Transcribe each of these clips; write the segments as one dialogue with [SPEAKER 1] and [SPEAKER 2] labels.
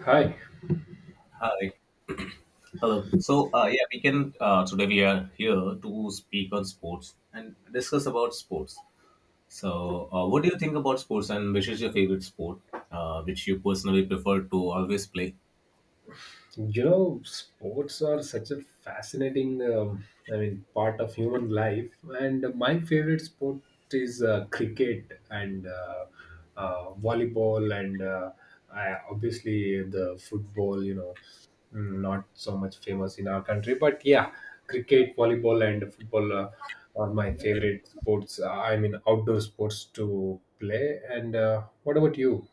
[SPEAKER 1] Hi.
[SPEAKER 2] Hi. Hello. So, we can today we are here to speak on sports and discuss about sports. So, what do you think about sports and which is your favorite sport, which you personally prefer to always play?
[SPEAKER 1] You know, sports are such a fascinating, part of human life. And my favorite sport is cricket and volleyball and obviously the football, not so much famous in our country. But yeah, cricket, volleyball, and football are my favorite sports. I mean, outdoor sports to play. And what about you?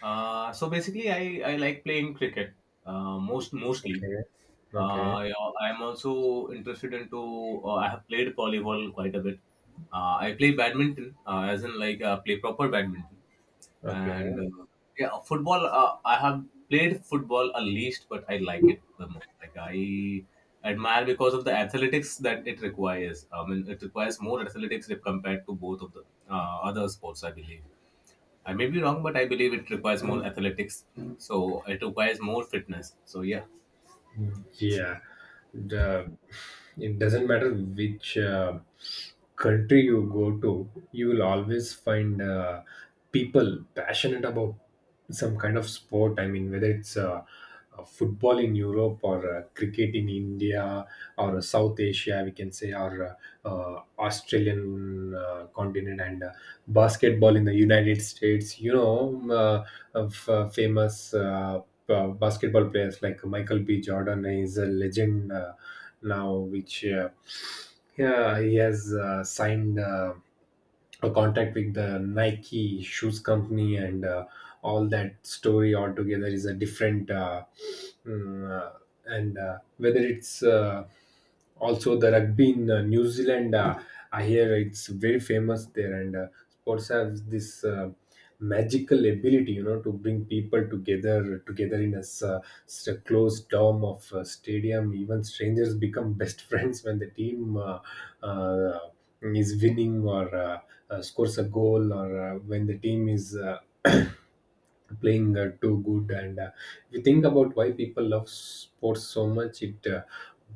[SPEAKER 2] So basically, I like playing cricket, uh, mostly.
[SPEAKER 1] Okay. Okay.
[SPEAKER 2] Yeah, I'm also interested into. I have played volleyball quite a bit. I play badminton, as in like, play proper badminton, and
[SPEAKER 1] Okay.
[SPEAKER 2] yeah, football. I have played football a least, but I like it the most. Like I admire because of the athletics that it requires. I mean, it requires more athletics if compared to both of the other sports. I believe. I may be wrong, but I believe it requires more athletics. So it requires more fitness. So yeah.
[SPEAKER 1] Yeah, the, it doesn't matter which country you go to, you will always find people passionate about some kind of sport. I mean, whether it's football in Europe or cricket in India or South Asia, we can say, or Australian continent and basketball in the United States. You know, of, famous. Basketball players like Michael B. Jordan is a legend now, which yeah, he has signed a contact with the Nike shoes company, and all that story altogether is a different mm, uh, and whether it's also the rugby in New Zealand. I hear it's very famous there, and sports have this magical ability, you know, to bring people together in a a closed dome of a stadium. Even strangers become best friends when the team uh, is winning, or scores a goal, or when the team is playing too good. And if you think about why people love sports so much, it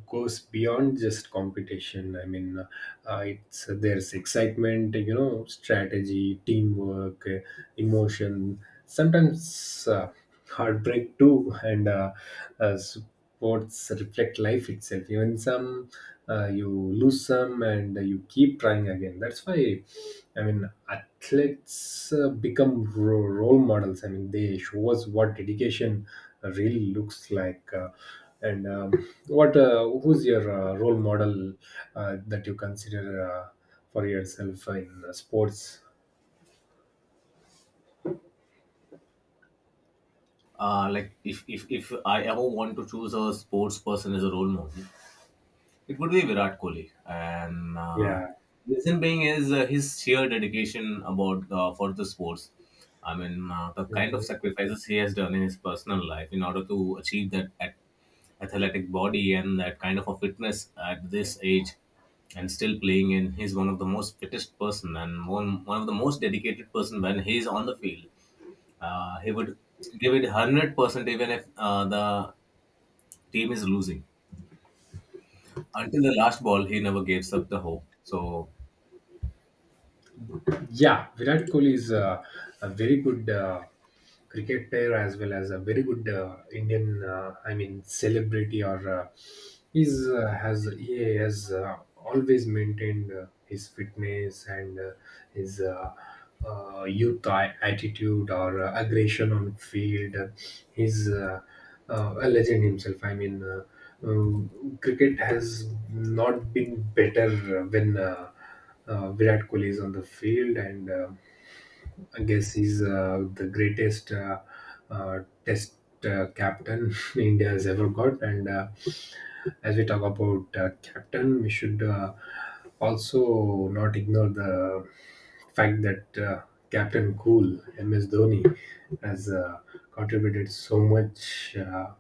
[SPEAKER 1] goes beyond just competition. I mean, it's there's excitement, you know, strategy, teamwork, emotion, sometimes heartbreak too. And sports reflect life itself. Even some you lose some, and you keep trying again. That's why, I mean, athletes become role models. I mean, they show us what dedication really looks like. And What, who's your role model that you consider for yourself in sports?
[SPEAKER 2] Like if I ever want to choose a sports person as a role model, it would be Virat Kohli. And
[SPEAKER 1] Yeah.
[SPEAKER 2] reason being is his sheer dedication about for the sports. I mean, the kind of sacrifices he has done in his personal life in order to achieve that athletic body and that kind of a fitness at this age, and still playing. And he's one of the most fittest person and one of the most dedicated person when he's on the field he would give it 100% even if the team is losing. Until the last ball, he never gives up the hope. So,
[SPEAKER 1] Yeah, Virat Kohli is a very good cricket player, as well as a very good Indian, I mean, celebrity. Or he has always maintained his fitness and his youth attitude, or aggression on field. He's a legend himself, I mean. Cricket has not been better when Virat Kohli is on the field, and I guess he's the greatest uh, test captain India has ever got. And as we talk about captain, we should also not ignore the fact that Captain Cool, MS Dhoni, has contributed so much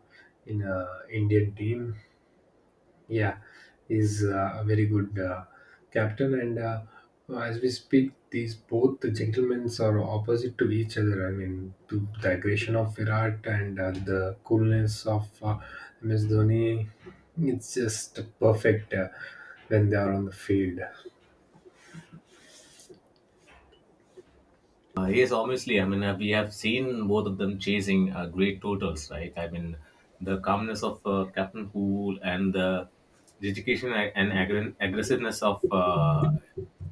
[SPEAKER 1] in Indian team, yeah, is a very good captain. And as we speak, these both the gentlemen are opposite to each other. I mean, to the aggression of Virat and the coolness of MS Dhoni, it's just perfect when they are on the field.
[SPEAKER 2] yes, obviously, I mean, we have seen both of them chasing great totals, right? I mean, the calmness of Captain Hool and the dedication and aggressiveness of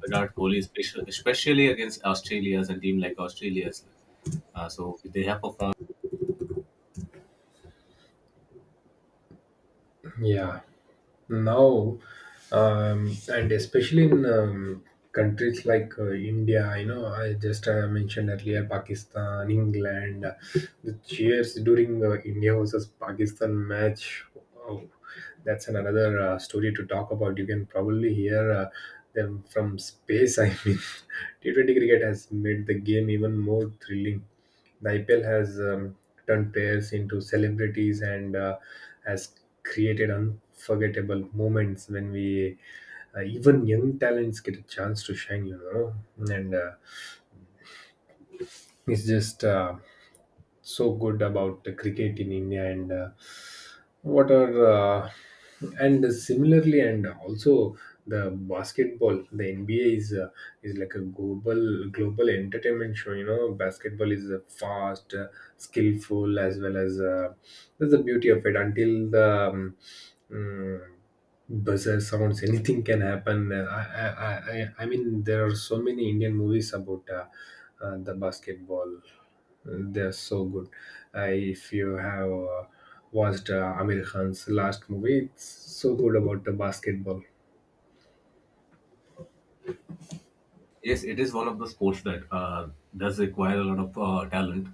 [SPEAKER 2] Virat Kohli, especially, especially against Australia's and team like Australia's. So, they have performed.
[SPEAKER 1] Yeah. Now, and especially in countries like India, you know, I just mentioned earlier Pakistan, England. The cheers during India versus Pakistan match, oh, that's another story to talk about. You can probably hear them from space. I mean, T20 cricket has made the game even more thrilling. The IPL has turned players into celebrities, and has created unforgettable moments when we even young talents get a chance to shine, you know. And it's just so good about the cricket in India. And what are and similarly, and also the basketball, the NBA, is like a global entertainment show, you know. Basketball is fast, skillful, as well as that's the beauty of it. Until the mm, buzzer sounds, anything can happen. I mean, there are so many Indian movies about the basketball. They're so good. If you have watched Amir Khan's last movie, it's so good about the basketball.
[SPEAKER 2] Yes, it is one of the sports that does require a lot of talent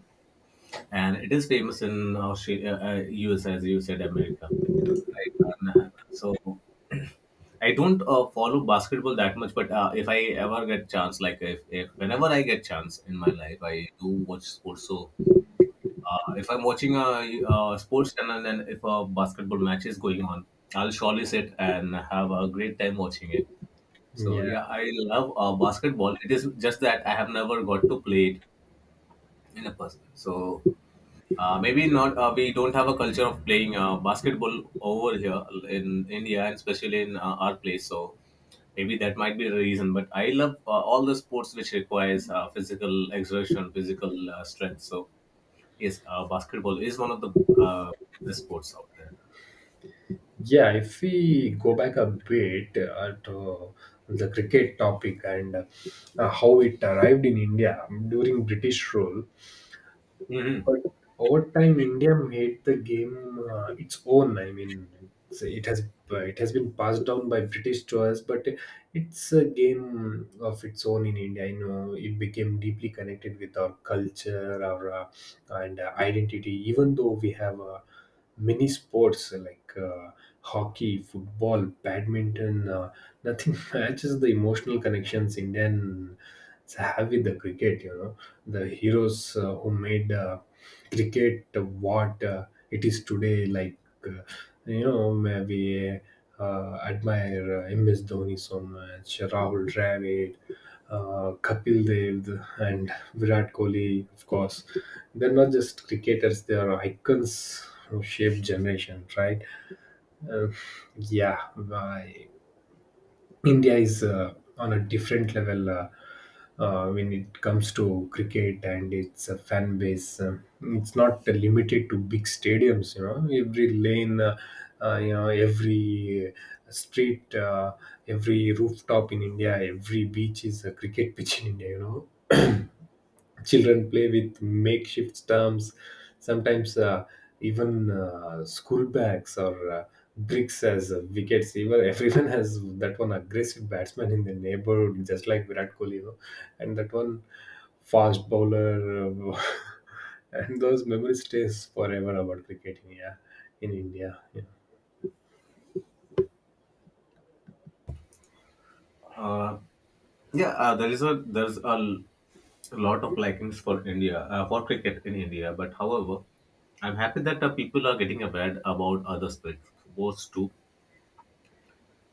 [SPEAKER 2] and it is famous in Australia, US, as you said, America. Right. And, so I don't follow basketball that much, but if I ever get chance, like if whenever I get chance in my life, I do watch sports. So if I'm watching a sports channel and if a basketball match is going on, I'll surely sit and have a great time watching it. So yeah,
[SPEAKER 1] Yeah,
[SPEAKER 2] I love basketball. It is just that I have never got to play it in a person. So Maybe not. We don't have a culture of playing basketball over here in India, and especially in our place. So maybe that might be the reason. But I love all the sports which requires physical exertion, physical strength. So yes, basketball is one of the uh, best sports out there.
[SPEAKER 1] yeah. If we go back a bit to the cricket topic, and how it arrived in India during British rule.
[SPEAKER 2] Hmm.
[SPEAKER 1] But over time, India made the game its own. I mean, it's, it has it has been passed down by British to us, but it's a game of its own in India. You know, it became deeply connected with our culture, our and identity. Even though we have many sports like hockey, football, badminton, nothing matches the emotional connections Indians have with the cricket. You know, the heroes who made cricket what it is today. Like, uh, you know, we admire MS Dhoni so much, Rahul Dravid, Kapil Dev, and Virat Kohli, of course. They're not just cricketers, they are icons who shape generation, right? uh, yeah uh, India is on a different level when it comes to cricket and its fan base. It's not limited to big stadiums. You know, every lane, you know, every street, every rooftop in India, every beach is a cricket pitch in India, you know. Children play with makeshift stumps, sometimes even school bags or bricks as wickets even. Everyone has that one aggressive batsman in the neighborhood, just like Virat Kohli, you know, and that one fast bowler. uh, and those memories stays forever about cricket in, yeah, in India, yeah,
[SPEAKER 2] Uh, yeah, there is a there's a l- lot of likings for India for cricket in India. But however, I'm happy that people are getting aware about other sports too.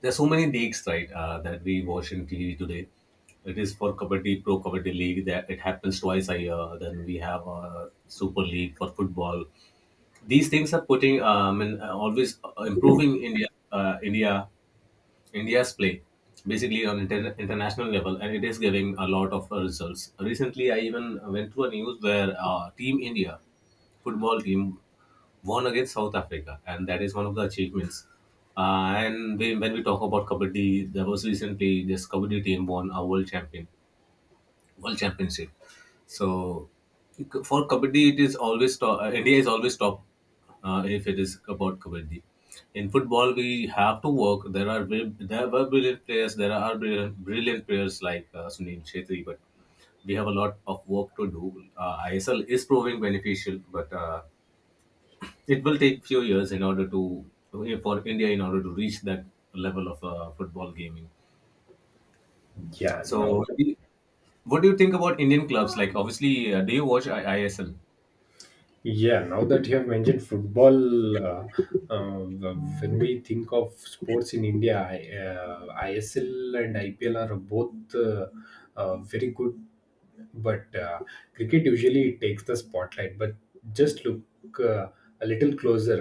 [SPEAKER 2] There are so many leagues, right, that we watch in TV today. It is for Kabaddi, Pro Kabaddi League, that it happens twice a year. Then we have a Super League for football. These things are putting, and always improving India's play, basically on international level, and it is giving a lot of results. Recently, I even went to a news where Team India, football team won against South Africa, and that is one of the achievements. And when we talk about kabaddi, there was recently this kabaddi team won a world championship. So for kabaddi, it is always top, India is always top if it is about kabaddi. In football, we have to work. There are bri- there were brilliant players. There are brilliant players like Sunil Chhetri, but we have a lot of work to do. ISL is proving beneficial, but it will take few years in order to for India in order to reach that level of football gaming.
[SPEAKER 1] yeah, now.
[SPEAKER 2] So, what do you think about Indian clubs? Like, obviously, do you watch ISL?
[SPEAKER 1] Yeah, now that you have mentioned football, uh, when we think of sports in India, ISL and IPL are both very good, but cricket usually takes the spotlight. But just look uh, a little closer.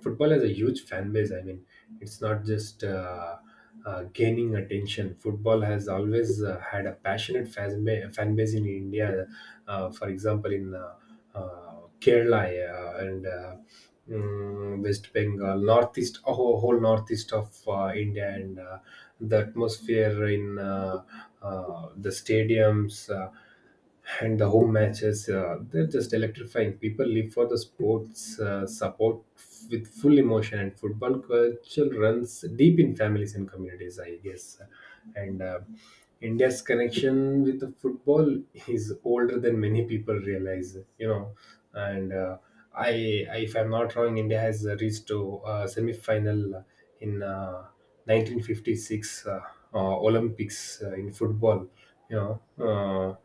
[SPEAKER 1] Football has a huge fan base. I mean, it's not just gaining attention. Football has always had a passionate fan base in India. For example, in uh, Kerala, yeah, and West Bengal, northeast, whole northeast of India, and the atmosphere in the stadiums. And the home matches, they're just electrifying. People live for the sports, support with full emotion, and football culture runs deep in families and communities, I guess. And India's connection with the football is older than many people realize, you know. And if I'm not wrong, India has reached to semi-final in 1956 Olympics in football. You know,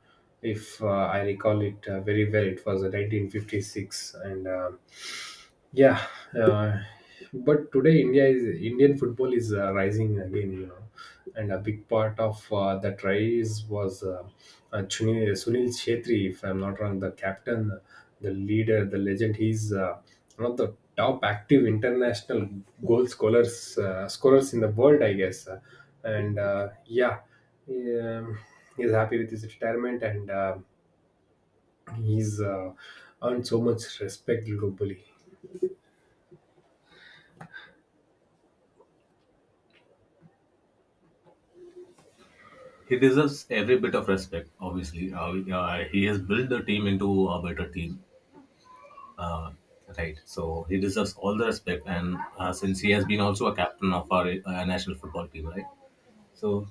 [SPEAKER 1] if I recall it very well, it was 1956, and yeah, uh, but today India is, Indian football is rising again, you know. And a big part of that rise was Sunil Shetty, if I'm not wrong, the captain, the leader, the legend. He's one of the top active international goal scorers in the world, I guess. And uh, yeah, um, he's happy with his retirement, and he's earned so much respect globally.
[SPEAKER 2] He deserves every bit of respect. Obviously, he has built the team into a better team. Uh, right. So he deserves all the respect, and since he has been also a captain of our national football team, right? So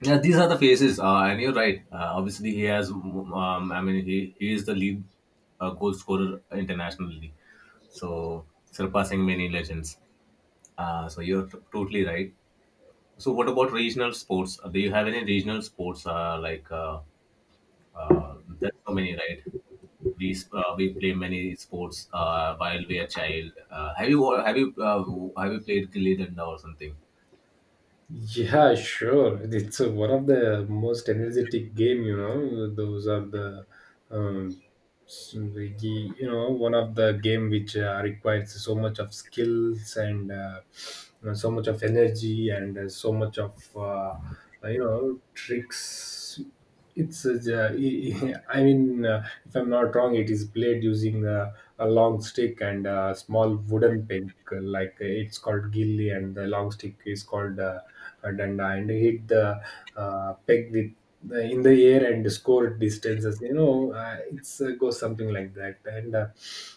[SPEAKER 2] yeah, these are the faces. And you're right. Obviously, he has. I mean, he is the lead goal scorer internationally, so surpassing many legends. So you're totally right. So, what about regional sports? Do you have any regional sports? Like, there's so many, right? We play many sports while we are child. Have you wa- have you played gilli danda or something?
[SPEAKER 1] Yeah, sure. It's one of the most energetic game, you know. Those are the, um, s- the- You know, one of the game which requires so much of skills, and you know, so much of energy, and so much of you know, tricks. It's j- I Mean, if I'm not wrong, it is played using a long stick and a small wooden peg. Like, it's called gilli, and the long stick is called a danda. And hit the peg with in the air, and score distances. You know, it's goes something like that. And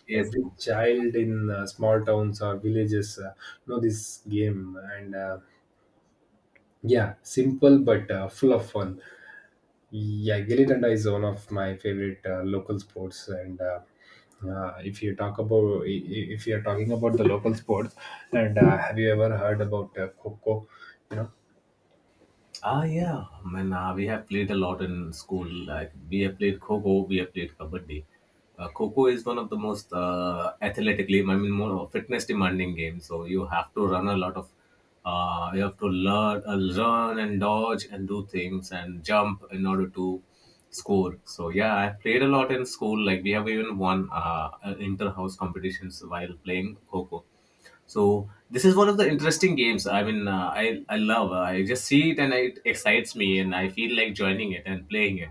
[SPEAKER 2] Yes.
[SPEAKER 1] every child in small towns or villages know this game. And yeah, simple but full of fun. Yeah, Gilly Danda is one of my favorite local sports, and if you talk about if you're talking about the local sports, and have you ever heard about Coco? You know.
[SPEAKER 2] Ah, yeah, man, we have played a lot in school. Like we have played kho, we have played Kabaddi. Kho is one of the most athletically, I mean, more fitness demanding game. So you have to run a lot of, you have to learn, run and dodge and do things and jump in order to score. So yeah, I played a lot in school. Like we have even won inter house competitions while playing kho. So this is one of the interesting games. I mean, I love. I just see it and it excites me, and I feel like joining it and playing it.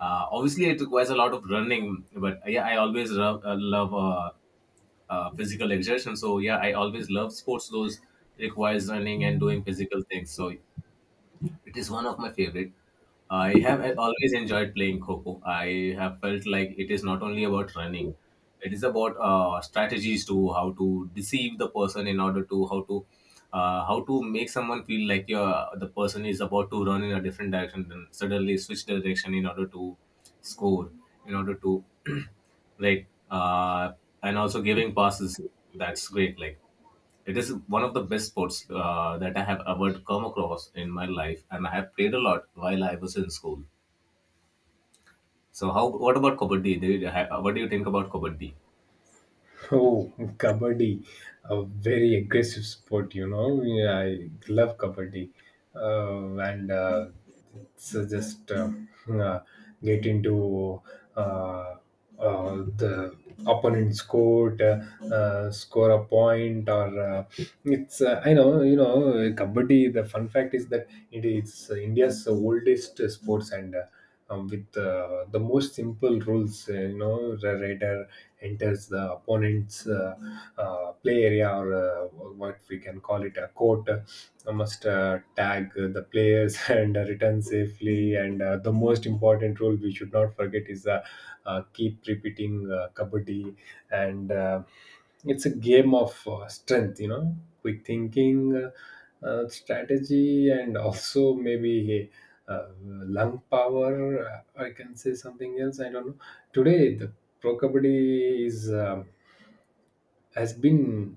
[SPEAKER 2] Obviously, it requires a lot of running, but yeah, I always love, love physical exertion. So yeah, I always love sports. Those requires running and doing physical things. So it is one of my favorite. I have always enjoyed playing Coco. I have felt like it is not only about running; it is about strategies to how to deceive the person in order to how to how to make someone feel like the person is about to run in a different direction, then suddenly switch direction in order to score, in order to right, and also giving passes. That's great. Like. It is one of the best sports that I have ever come across in my life, and I have played a lot while I was in school. So, how? What about kabaddi? What do you think about kabaddi?
[SPEAKER 1] Oh, kabaddi, a very aggressive sport, you know. Yeah, I love kabaddi, and so just uh, get into uh, the opponent's court, score a point, or it's I know you know kabaddi. The fun fact is that it is India's oldest sports. And. With the most simple rules. You know, the raider enters the opponent's play area, or what we can call it a court. Must tag the players and return safely. And the most important rule we should not forget is keep repeating kabaddi and. It's a game of strength, you know, quick thinking, strategy, and also maybe lung power. I can say something else, I don't know. Today the pro kabaddi is um, has been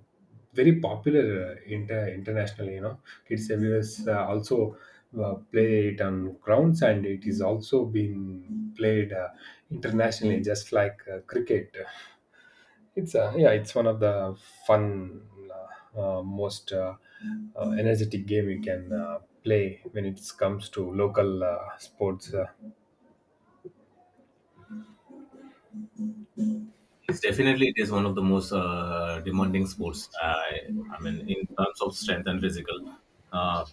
[SPEAKER 1] very popular internationally, you know. Kids everywhere also play it on grounds, and it is also being played internationally, just like cricket. It's yeah, it's one of the fun, uh, most energetic game you can play when it comes to local sports.
[SPEAKER 2] It's definitely it is one of the most demanding sports. I mean, in terms of strength and physical uh,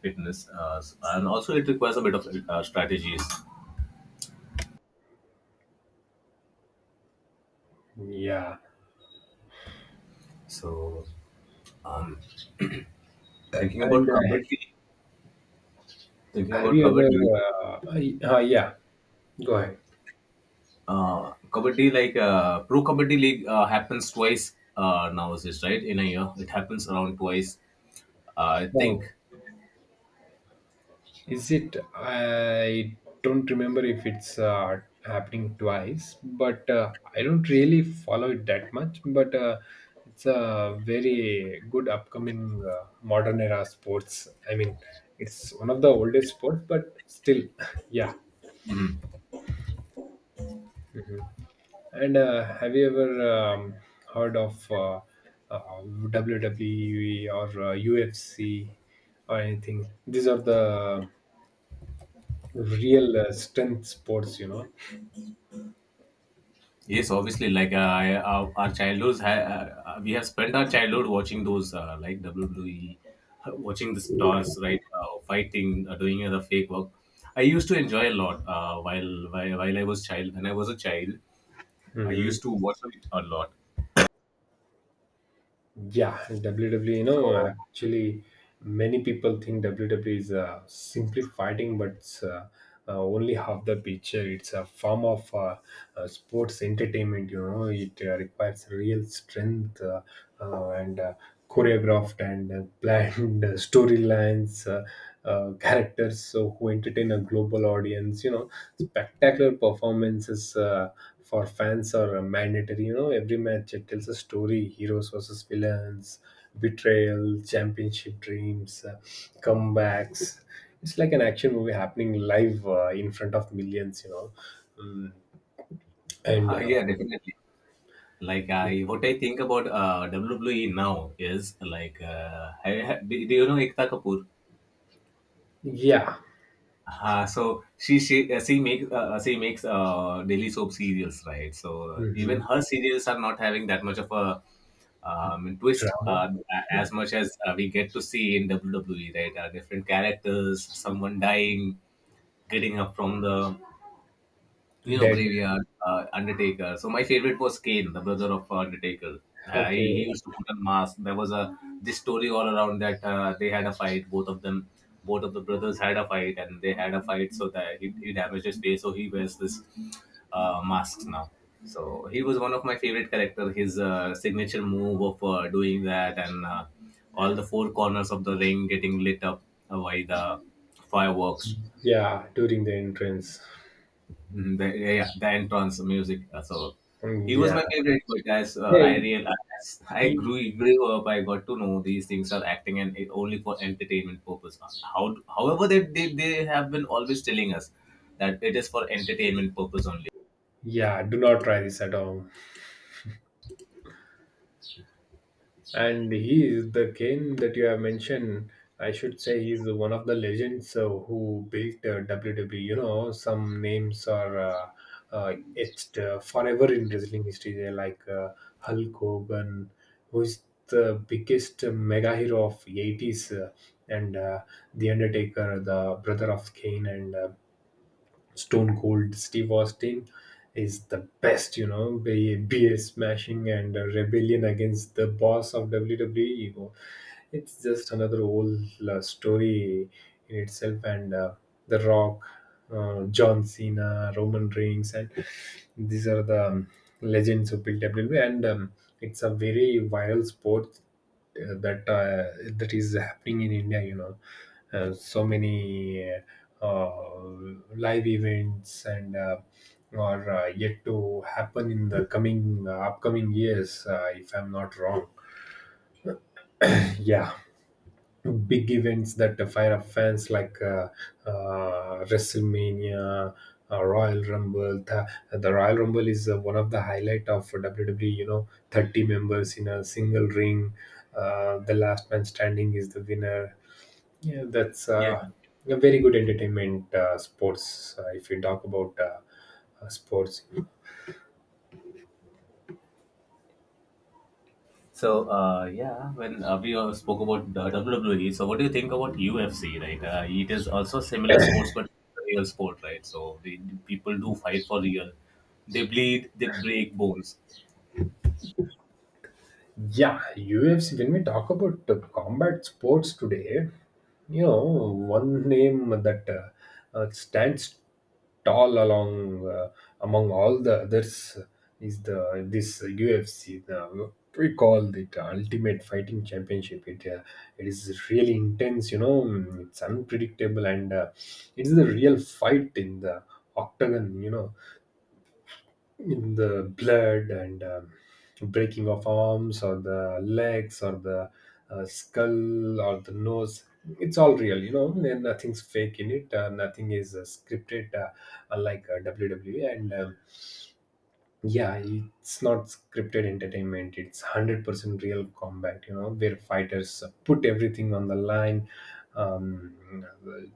[SPEAKER 2] fitness, and also it requires a bit of strategies.
[SPEAKER 1] Yeah,
[SPEAKER 2] So, um, thinking about
[SPEAKER 1] and
[SPEAKER 2] kabaddi, thinking
[SPEAKER 1] have
[SPEAKER 2] about
[SPEAKER 1] you ever?
[SPEAKER 2] kabaddi,
[SPEAKER 1] Yeah, go ahead.
[SPEAKER 2] Kabaddi like pro kabaddi league happens twice nowadays, right? In a year, it happens around twice. I think.
[SPEAKER 1] Oh. Is it? I don't remember if it's happening twice, but I don't really follow it that much. But it's a very good upcoming modern era sports. I mean, it's one of the oldest sports, but still, yeah.
[SPEAKER 2] Mhm.
[SPEAKER 1] Hmm. And have you ever heard of WWE or UFC or anything? These are the real strength sports, you know.
[SPEAKER 2] Yes, obviously, like our childhoods, we have spent our childhood watching those like WWE, watching the stars, right? Fighting, doing the fake work. I used to enjoy a lot while I was child. When I was a child, I
[SPEAKER 1] Hmm.
[SPEAKER 2] used to watch it a lot.
[SPEAKER 1] Yeah, and WWE, you know,
[SPEAKER 2] So
[SPEAKER 1] actually, many people think WWE is simply fighting, but it's only half the picture. It's a form of sports entertainment, you know. It requires real strength, and choreographed and planned storylines, characters so who entertain a global audience. You know, spectacular performances for fans are mandatory. You know, every match it tells a story: heroes versus villains, betrayal, championship dreams, comebacks. It's like an action movie happening live in front of millions. You know, mm, and
[SPEAKER 2] yeah, definitely. Like what I think about WWE now is like, do do you know Ekta Kapoor?
[SPEAKER 1] yeah.
[SPEAKER 2] So she makes daily soap serials, right? So even
[SPEAKER 1] Hmm.
[SPEAKER 2] her serials are not having that much of a twist
[SPEAKER 1] Drama.
[SPEAKER 2] as much as we get to see in WWE, right? Different characters, someone dying, getting up from the you know
[SPEAKER 1] Dead.
[SPEAKER 2] graveyard, undertaker. So my favorite was Kane, the brother of undertaker. He
[SPEAKER 1] Okay.
[SPEAKER 2] used to put a mask. There was a this story all around that they had a fight both of them both of the brothers had a fight and they had a fight so that he damaged his face, so he wears this mask now. So he was one of my favorite character, his signature move of doing that and all the four corners of the ring getting lit up by the fireworks.
[SPEAKER 1] Yeah, during the entrance.
[SPEAKER 2] Mhm, the, yeah, yeah, the entrance music. So
[SPEAKER 1] Mm.
[SPEAKER 2] he was
[SPEAKER 1] Yeah,
[SPEAKER 2] my favorite, but as I real as I grew grew up, I got to know these things are acting and it only for entertainment purpose. How, however, they have been always telling us that it is for entertainment purpose only.
[SPEAKER 1] yeah, do not try this at all. And he is the Kane that you have mentioned. I should say he's one of the legends who built WWE. You know, some names are etched forever in wrestling history. They're like Hulk Hogan, who is the biggest mega hero of 80s, and the Undertaker, the brother of Kane, and Stone Cold Steve Austin is the best, you know, beer smashing and rebellion against the boss of WWE. It's just another whole story in itself. And the Rock, John Cena, Roman Reigns, and these are the legends who built WWE. And it's a very viral sport uh, that uh, that is happening in India. You know, so many uh, live events, and are yet to happen in the coming upcoming years, if I'm not wrong. Yeah, big events that fire up fans like WrestleMania, Royal Rumble. The Royal Rumble is one of the highlight of WWE. You know, 30 members in a single ring. The last man standing is the winner. Yeah, that's
[SPEAKER 2] Yeah.
[SPEAKER 1] a very good entertainment sports. If we talk about sports.
[SPEAKER 2] So yeah, when we spoke about the WWE, so what do you think about UFC? Right, it is also similar sports, but real sport, right? So the people do fight for real. They bleed, they break bones.
[SPEAKER 1] Yeah, UFC. When we talk about combat sports today, you know, one name that stands tall along among all the others is the this UFC. We call it Ultimate Fighting Championship. It is really intense. You know, mm, it's unpredictable, and it is the real fight in the octagon. You know, in the blood and breaking of arms or the legs or the skull or the nose. It's all real, you know, and nothing's fake in it. Nothing is scripted, unlike WWE. And yeah, it's not scripted entertainment. It's 100% real combat, you know, where fighters put everything on the line. um,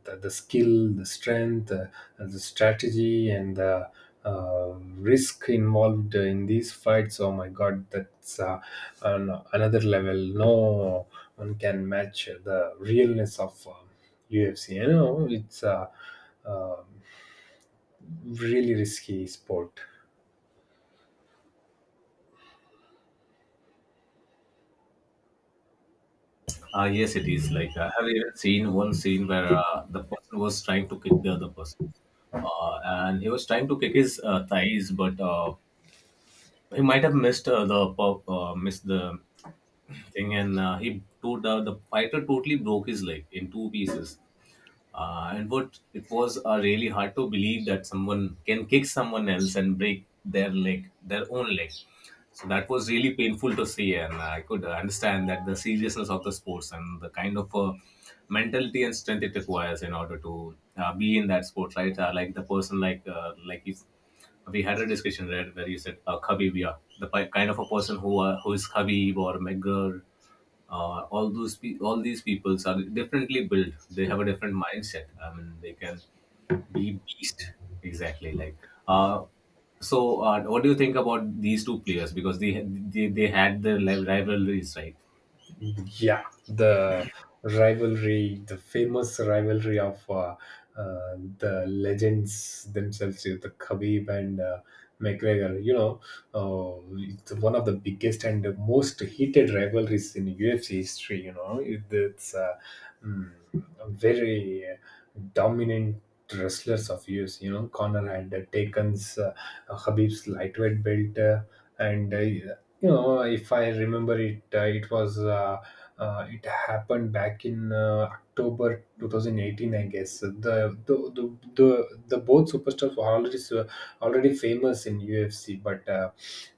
[SPEAKER 1] the, the, skill, the strength, the strategy, and the risk involved in these fights. Oh my god, that's another level. No one can match the realness of UFC. You know, it's a uh, um really risky sport.
[SPEAKER 2] Yes, it is. Like, I have even seen one scene where the person was trying to kick the other person, and he was trying to kick his thighs, but he might have missed the pop, missed the thing, and he to- the fighter totally broke his leg in two pieces. And what it was really hard to believe that someone can kick someone else and break their leg, their own leg. So that was really painful to see, and I could understand that the seriousness of the sports and the kind of mentality and strength it requires in order to be in that sport, right? Like the person, like you, we had a discussion, right, where you said Khabib, yeah, kind of a person who is Khabib or McGregor. All these peoples are differently built. They have a different mindset. I mean, they can be beast, exactly like, uh, so what do you think about these two players, because they had their rivalries, right?
[SPEAKER 1] Yeah, the rivalry, the famous rivalry of the legends themselves, you know, the Khabib and McGregor. You know, it's one of the biggest and the most heated rivalries in UFC history. You know, it's mm, very dominant wrestlers of UFC. You know, Connor had taken Khabib's lightweight belt. And you know, if I remember it, it was it happened back in October 2018, I guess. The the the, the, the both superstars were already famous in UFC, but uh,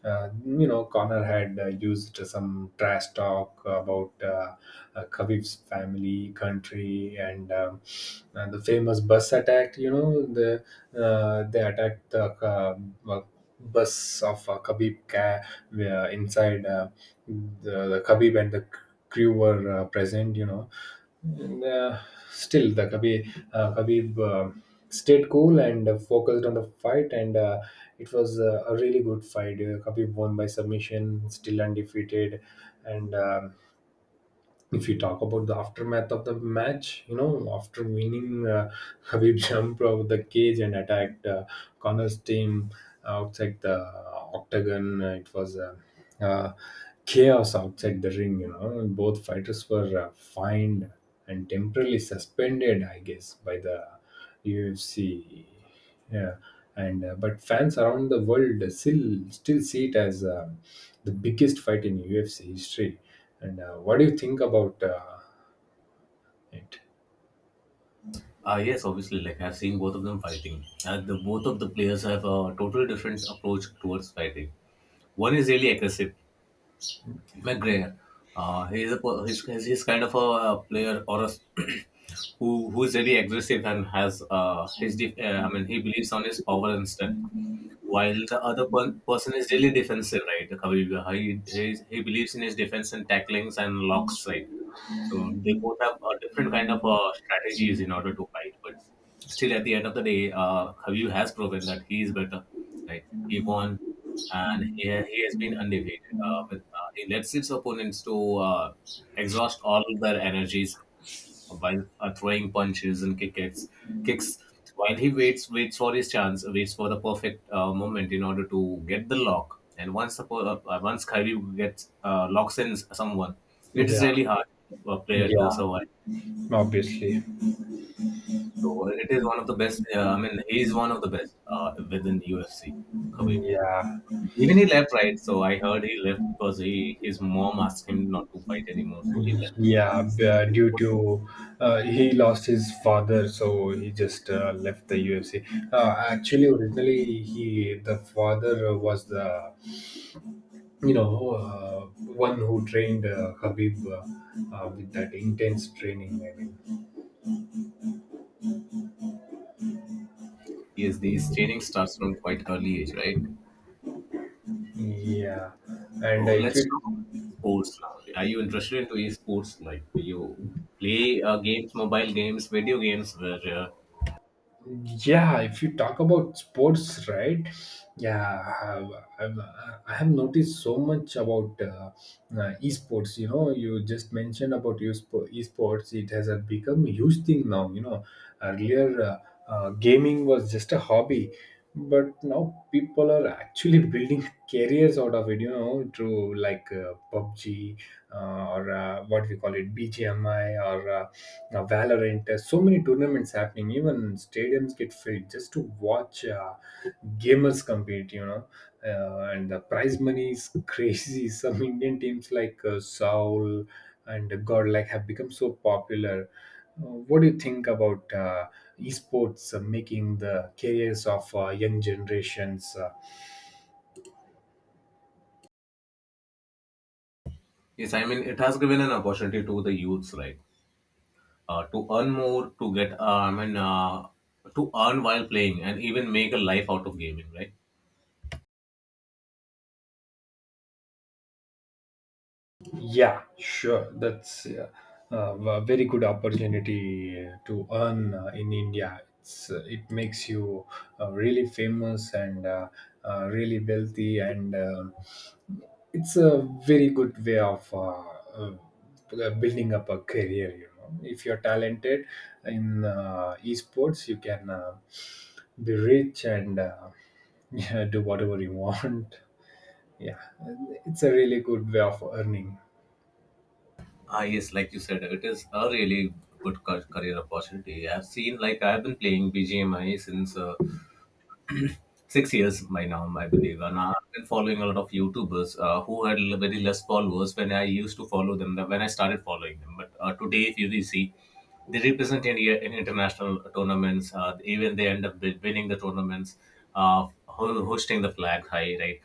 [SPEAKER 1] uh, you know, Connor had used some trash talk about Khabib's family, country, and the famous bus attack. You know, they attacked the uh, bus of Khabib, where inside the Khabib and the crew were present. You know, and, still the Khabib, Khabib stayed cool and focused on the fight. And it was a really good fight. Khabib won by submission, still undefeated. And if you talk about the aftermath of the match, you know, after winning, Habib jumped out of the cage and attacked Connor's team outside the octagon. It was uh, chaos outside the ring, you know. Both fighters were fined and temporarily suspended, I guess, by the UFC. Yeah. And but fans around the world still see it as the biggest fight in UFC history. And what do you think about it?
[SPEAKER 2] Yes, obviously, like, I've seen both of them fighting. The both of the players have a totally different approach towards fighting. One is really aggressive, McGregor. He's a per- he's kind of a, player or a who is very aggressive and has I mean, he believes on his power and strength, while the other person is really defensive, right? The Khabib, he believes in his defense and tacklings and locks, right? So they both have different kind of strategies in order to fight, but still, at the end of the day, Khabib has proven that he is better, right? He won, and he has been undefeated. Uh, with, uh, he lets his opponents to exhaust all their energies while throwing punches and kicks while he waits for his chance, waits for the perfect moment in order to get the lock. And once Kyrie gets locks in someone, it is
[SPEAKER 1] Yeah,
[SPEAKER 2] really hard for a player to
[SPEAKER 1] yeah,
[SPEAKER 2] survive.
[SPEAKER 1] obviously.
[SPEAKER 2] So it is one of the best. I mean, he is one of the best within UFC. Khabib.
[SPEAKER 1] Yeah,
[SPEAKER 2] Even he left, right? So I heard he left because he his mom asked him not to fight anymore. So he left. So that
[SPEAKER 1] yeah.
[SPEAKER 2] is.
[SPEAKER 1] Due to he lost his father, so he just left the UFC. Actually, originally he the father was the, you know, one who trained Khabib with that intense training. I mean,
[SPEAKER 2] Yes, these training starts from quite early age, right?
[SPEAKER 1] yeah. And
[SPEAKER 2] Oh,
[SPEAKER 1] if
[SPEAKER 2] let's
[SPEAKER 1] you.
[SPEAKER 2] talk about sports now. Are you interested into esports? Like, do you play games, mobile games, video games? Where
[SPEAKER 1] Yeah, if you talk about sports, right, yeah, i have, I've, I have noticed so much about esports. You know, you just mentioned about esports. It has become a huge thing now, you know. Earlier, gaming was just a hobby, but now people are actually building careers out of it, you know, through like PUBG or what we call it, BGMI, or Valorant. There's so many tournaments happening. Even stadiums get filled just to watch gamers compete. You know, and the prize money is crazy. Some Indian teams like Seoul and Godlike have become so popular. What do you think about esports making the careers of young generations?
[SPEAKER 2] yes, I mean, it has given an opportunity to the youths, right, to earn more, to get, I mean, to earn while playing, and even make a life out of gaming, right?
[SPEAKER 1] Yeah, sure. That's a very good opportunity to earn in India. It's, it makes you really famous and really wealthy, and it's a very good way of building up a career. You know, if you're talented in esports, you can be rich and yeah, do whatever you want. Yeah, it's a really good way of earning.
[SPEAKER 2] Ah, yes, like you said, it is a really good career opportunity. I've seen, like, I've been playing BGMI since 6 years by now, I believe. And I've been following a lot of YouTubers who had very less followers when I used to follow them, when I started following them. But today, if you really see, they represent India in international tournaments. Even they end up winning the tournaments, hoisting the flag high, right?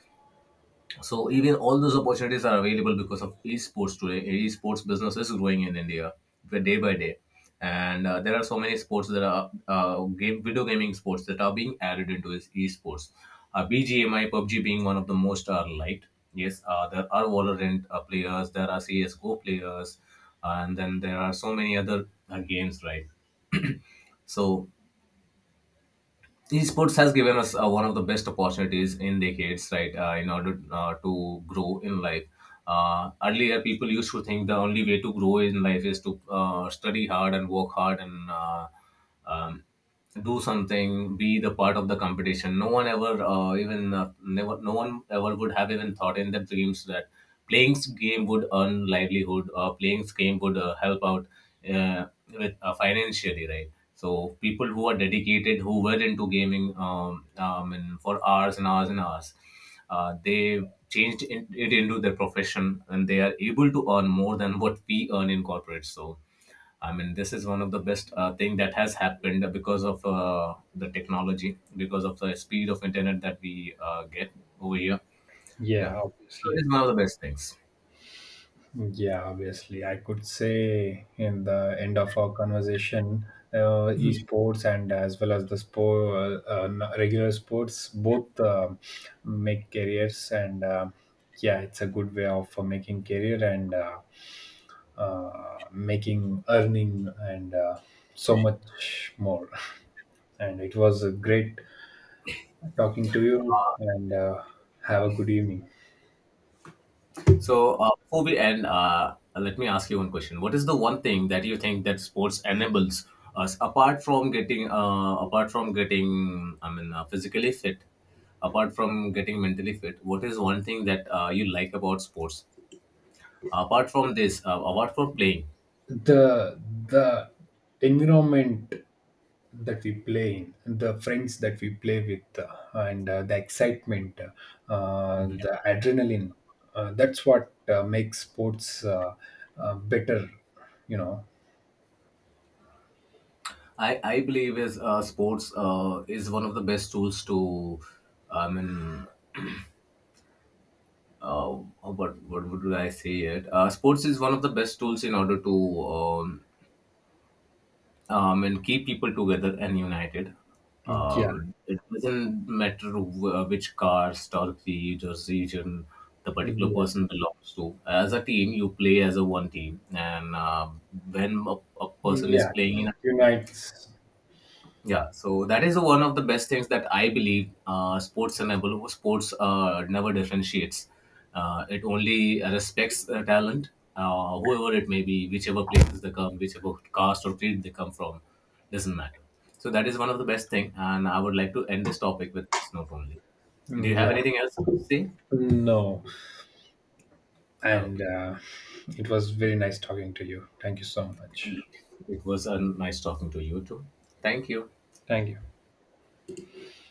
[SPEAKER 2] So even all those opportunities are available because of esports today. Esports business is growing in India day by day, and there are so many sports that are game video gaming sports that are being added into this esports. BGMI, PUBG being one of the most are light. Yes, there are Valorant players, there are CS:GO players, and then there are so many other games, right? So esports has given us one of the best opportunities in decades, right, in order to grow in life. Earlier people used to think the only way to grow in life is to study hard and work hard and um, do something, be the part of the competition. No one ever even never no one ever would have even thought in their dreams that playing game would earn livelihood, or playing game would help out uh, with financially, right? So people who are dedicated, who were into gaming, and for hours and hours and hours, they it into their profession, and they are able to earn more than what we earn in corporate. So. I mean, this is one of the best thing that has happened because of the technology, because of the speed of internet that we get over here. Yeah,
[SPEAKER 1] Yeah,
[SPEAKER 2] so it
[SPEAKER 1] obviously.
[SPEAKER 2] is one of the best things.
[SPEAKER 1] Yeah, obviously. I could say, in the end of our conversation, uh, esports, and as well as the sport, regular sports, both make careers. And yeah, it's a good way of making career and making earning and so much more. And it was great talking to you. And have a good evening.
[SPEAKER 2] So before we end, let me ask you one question. What is the one thing that you think that sports enables us apart from getting apart from getting, I mean, physically fit, apart from getting mentally fit? What is one thing that you like about sports apart from this, apart from playing?
[SPEAKER 1] the the environment that we play in, the friends that we play with, and the excitement,
[SPEAKER 2] Mhm.
[SPEAKER 1] the adrenaline, that's what makes sports better, you know.
[SPEAKER 2] I believe is, sports is one of the best tools to, I mean, what would I say it? Sports is one of the best tools in order to, and keep people together and united.
[SPEAKER 1] Yeah.
[SPEAKER 2] Uh, it doesn't matter which caste or creed or region the particular
[SPEAKER 1] Yeah.
[SPEAKER 2] person belongs to. As a team, you play as a one team, and when a, a person is
[SPEAKER 1] Yeah,
[SPEAKER 2] playing in a,
[SPEAKER 1] unites.
[SPEAKER 2] yeah, so that is one of the best things that I believe sports enable. Sports never differentiates. It only respects talent, whoever it may be, whichever places they come, whichever caste or creed they come from, doesn't matter. So that is one of the best thing, and I would like to end this topic with this note only. Do
[SPEAKER 1] Mm,
[SPEAKER 2] you have
[SPEAKER 1] yeah.
[SPEAKER 2] anything else to say?
[SPEAKER 1] No.
[SPEAKER 2] Oh,
[SPEAKER 1] And
[SPEAKER 2] okay,
[SPEAKER 1] it was very nice talking to you. Thank you so much.
[SPEAKER 2] it was nice talking to you too. Thank you.
[SPEAKER 1] Thank you.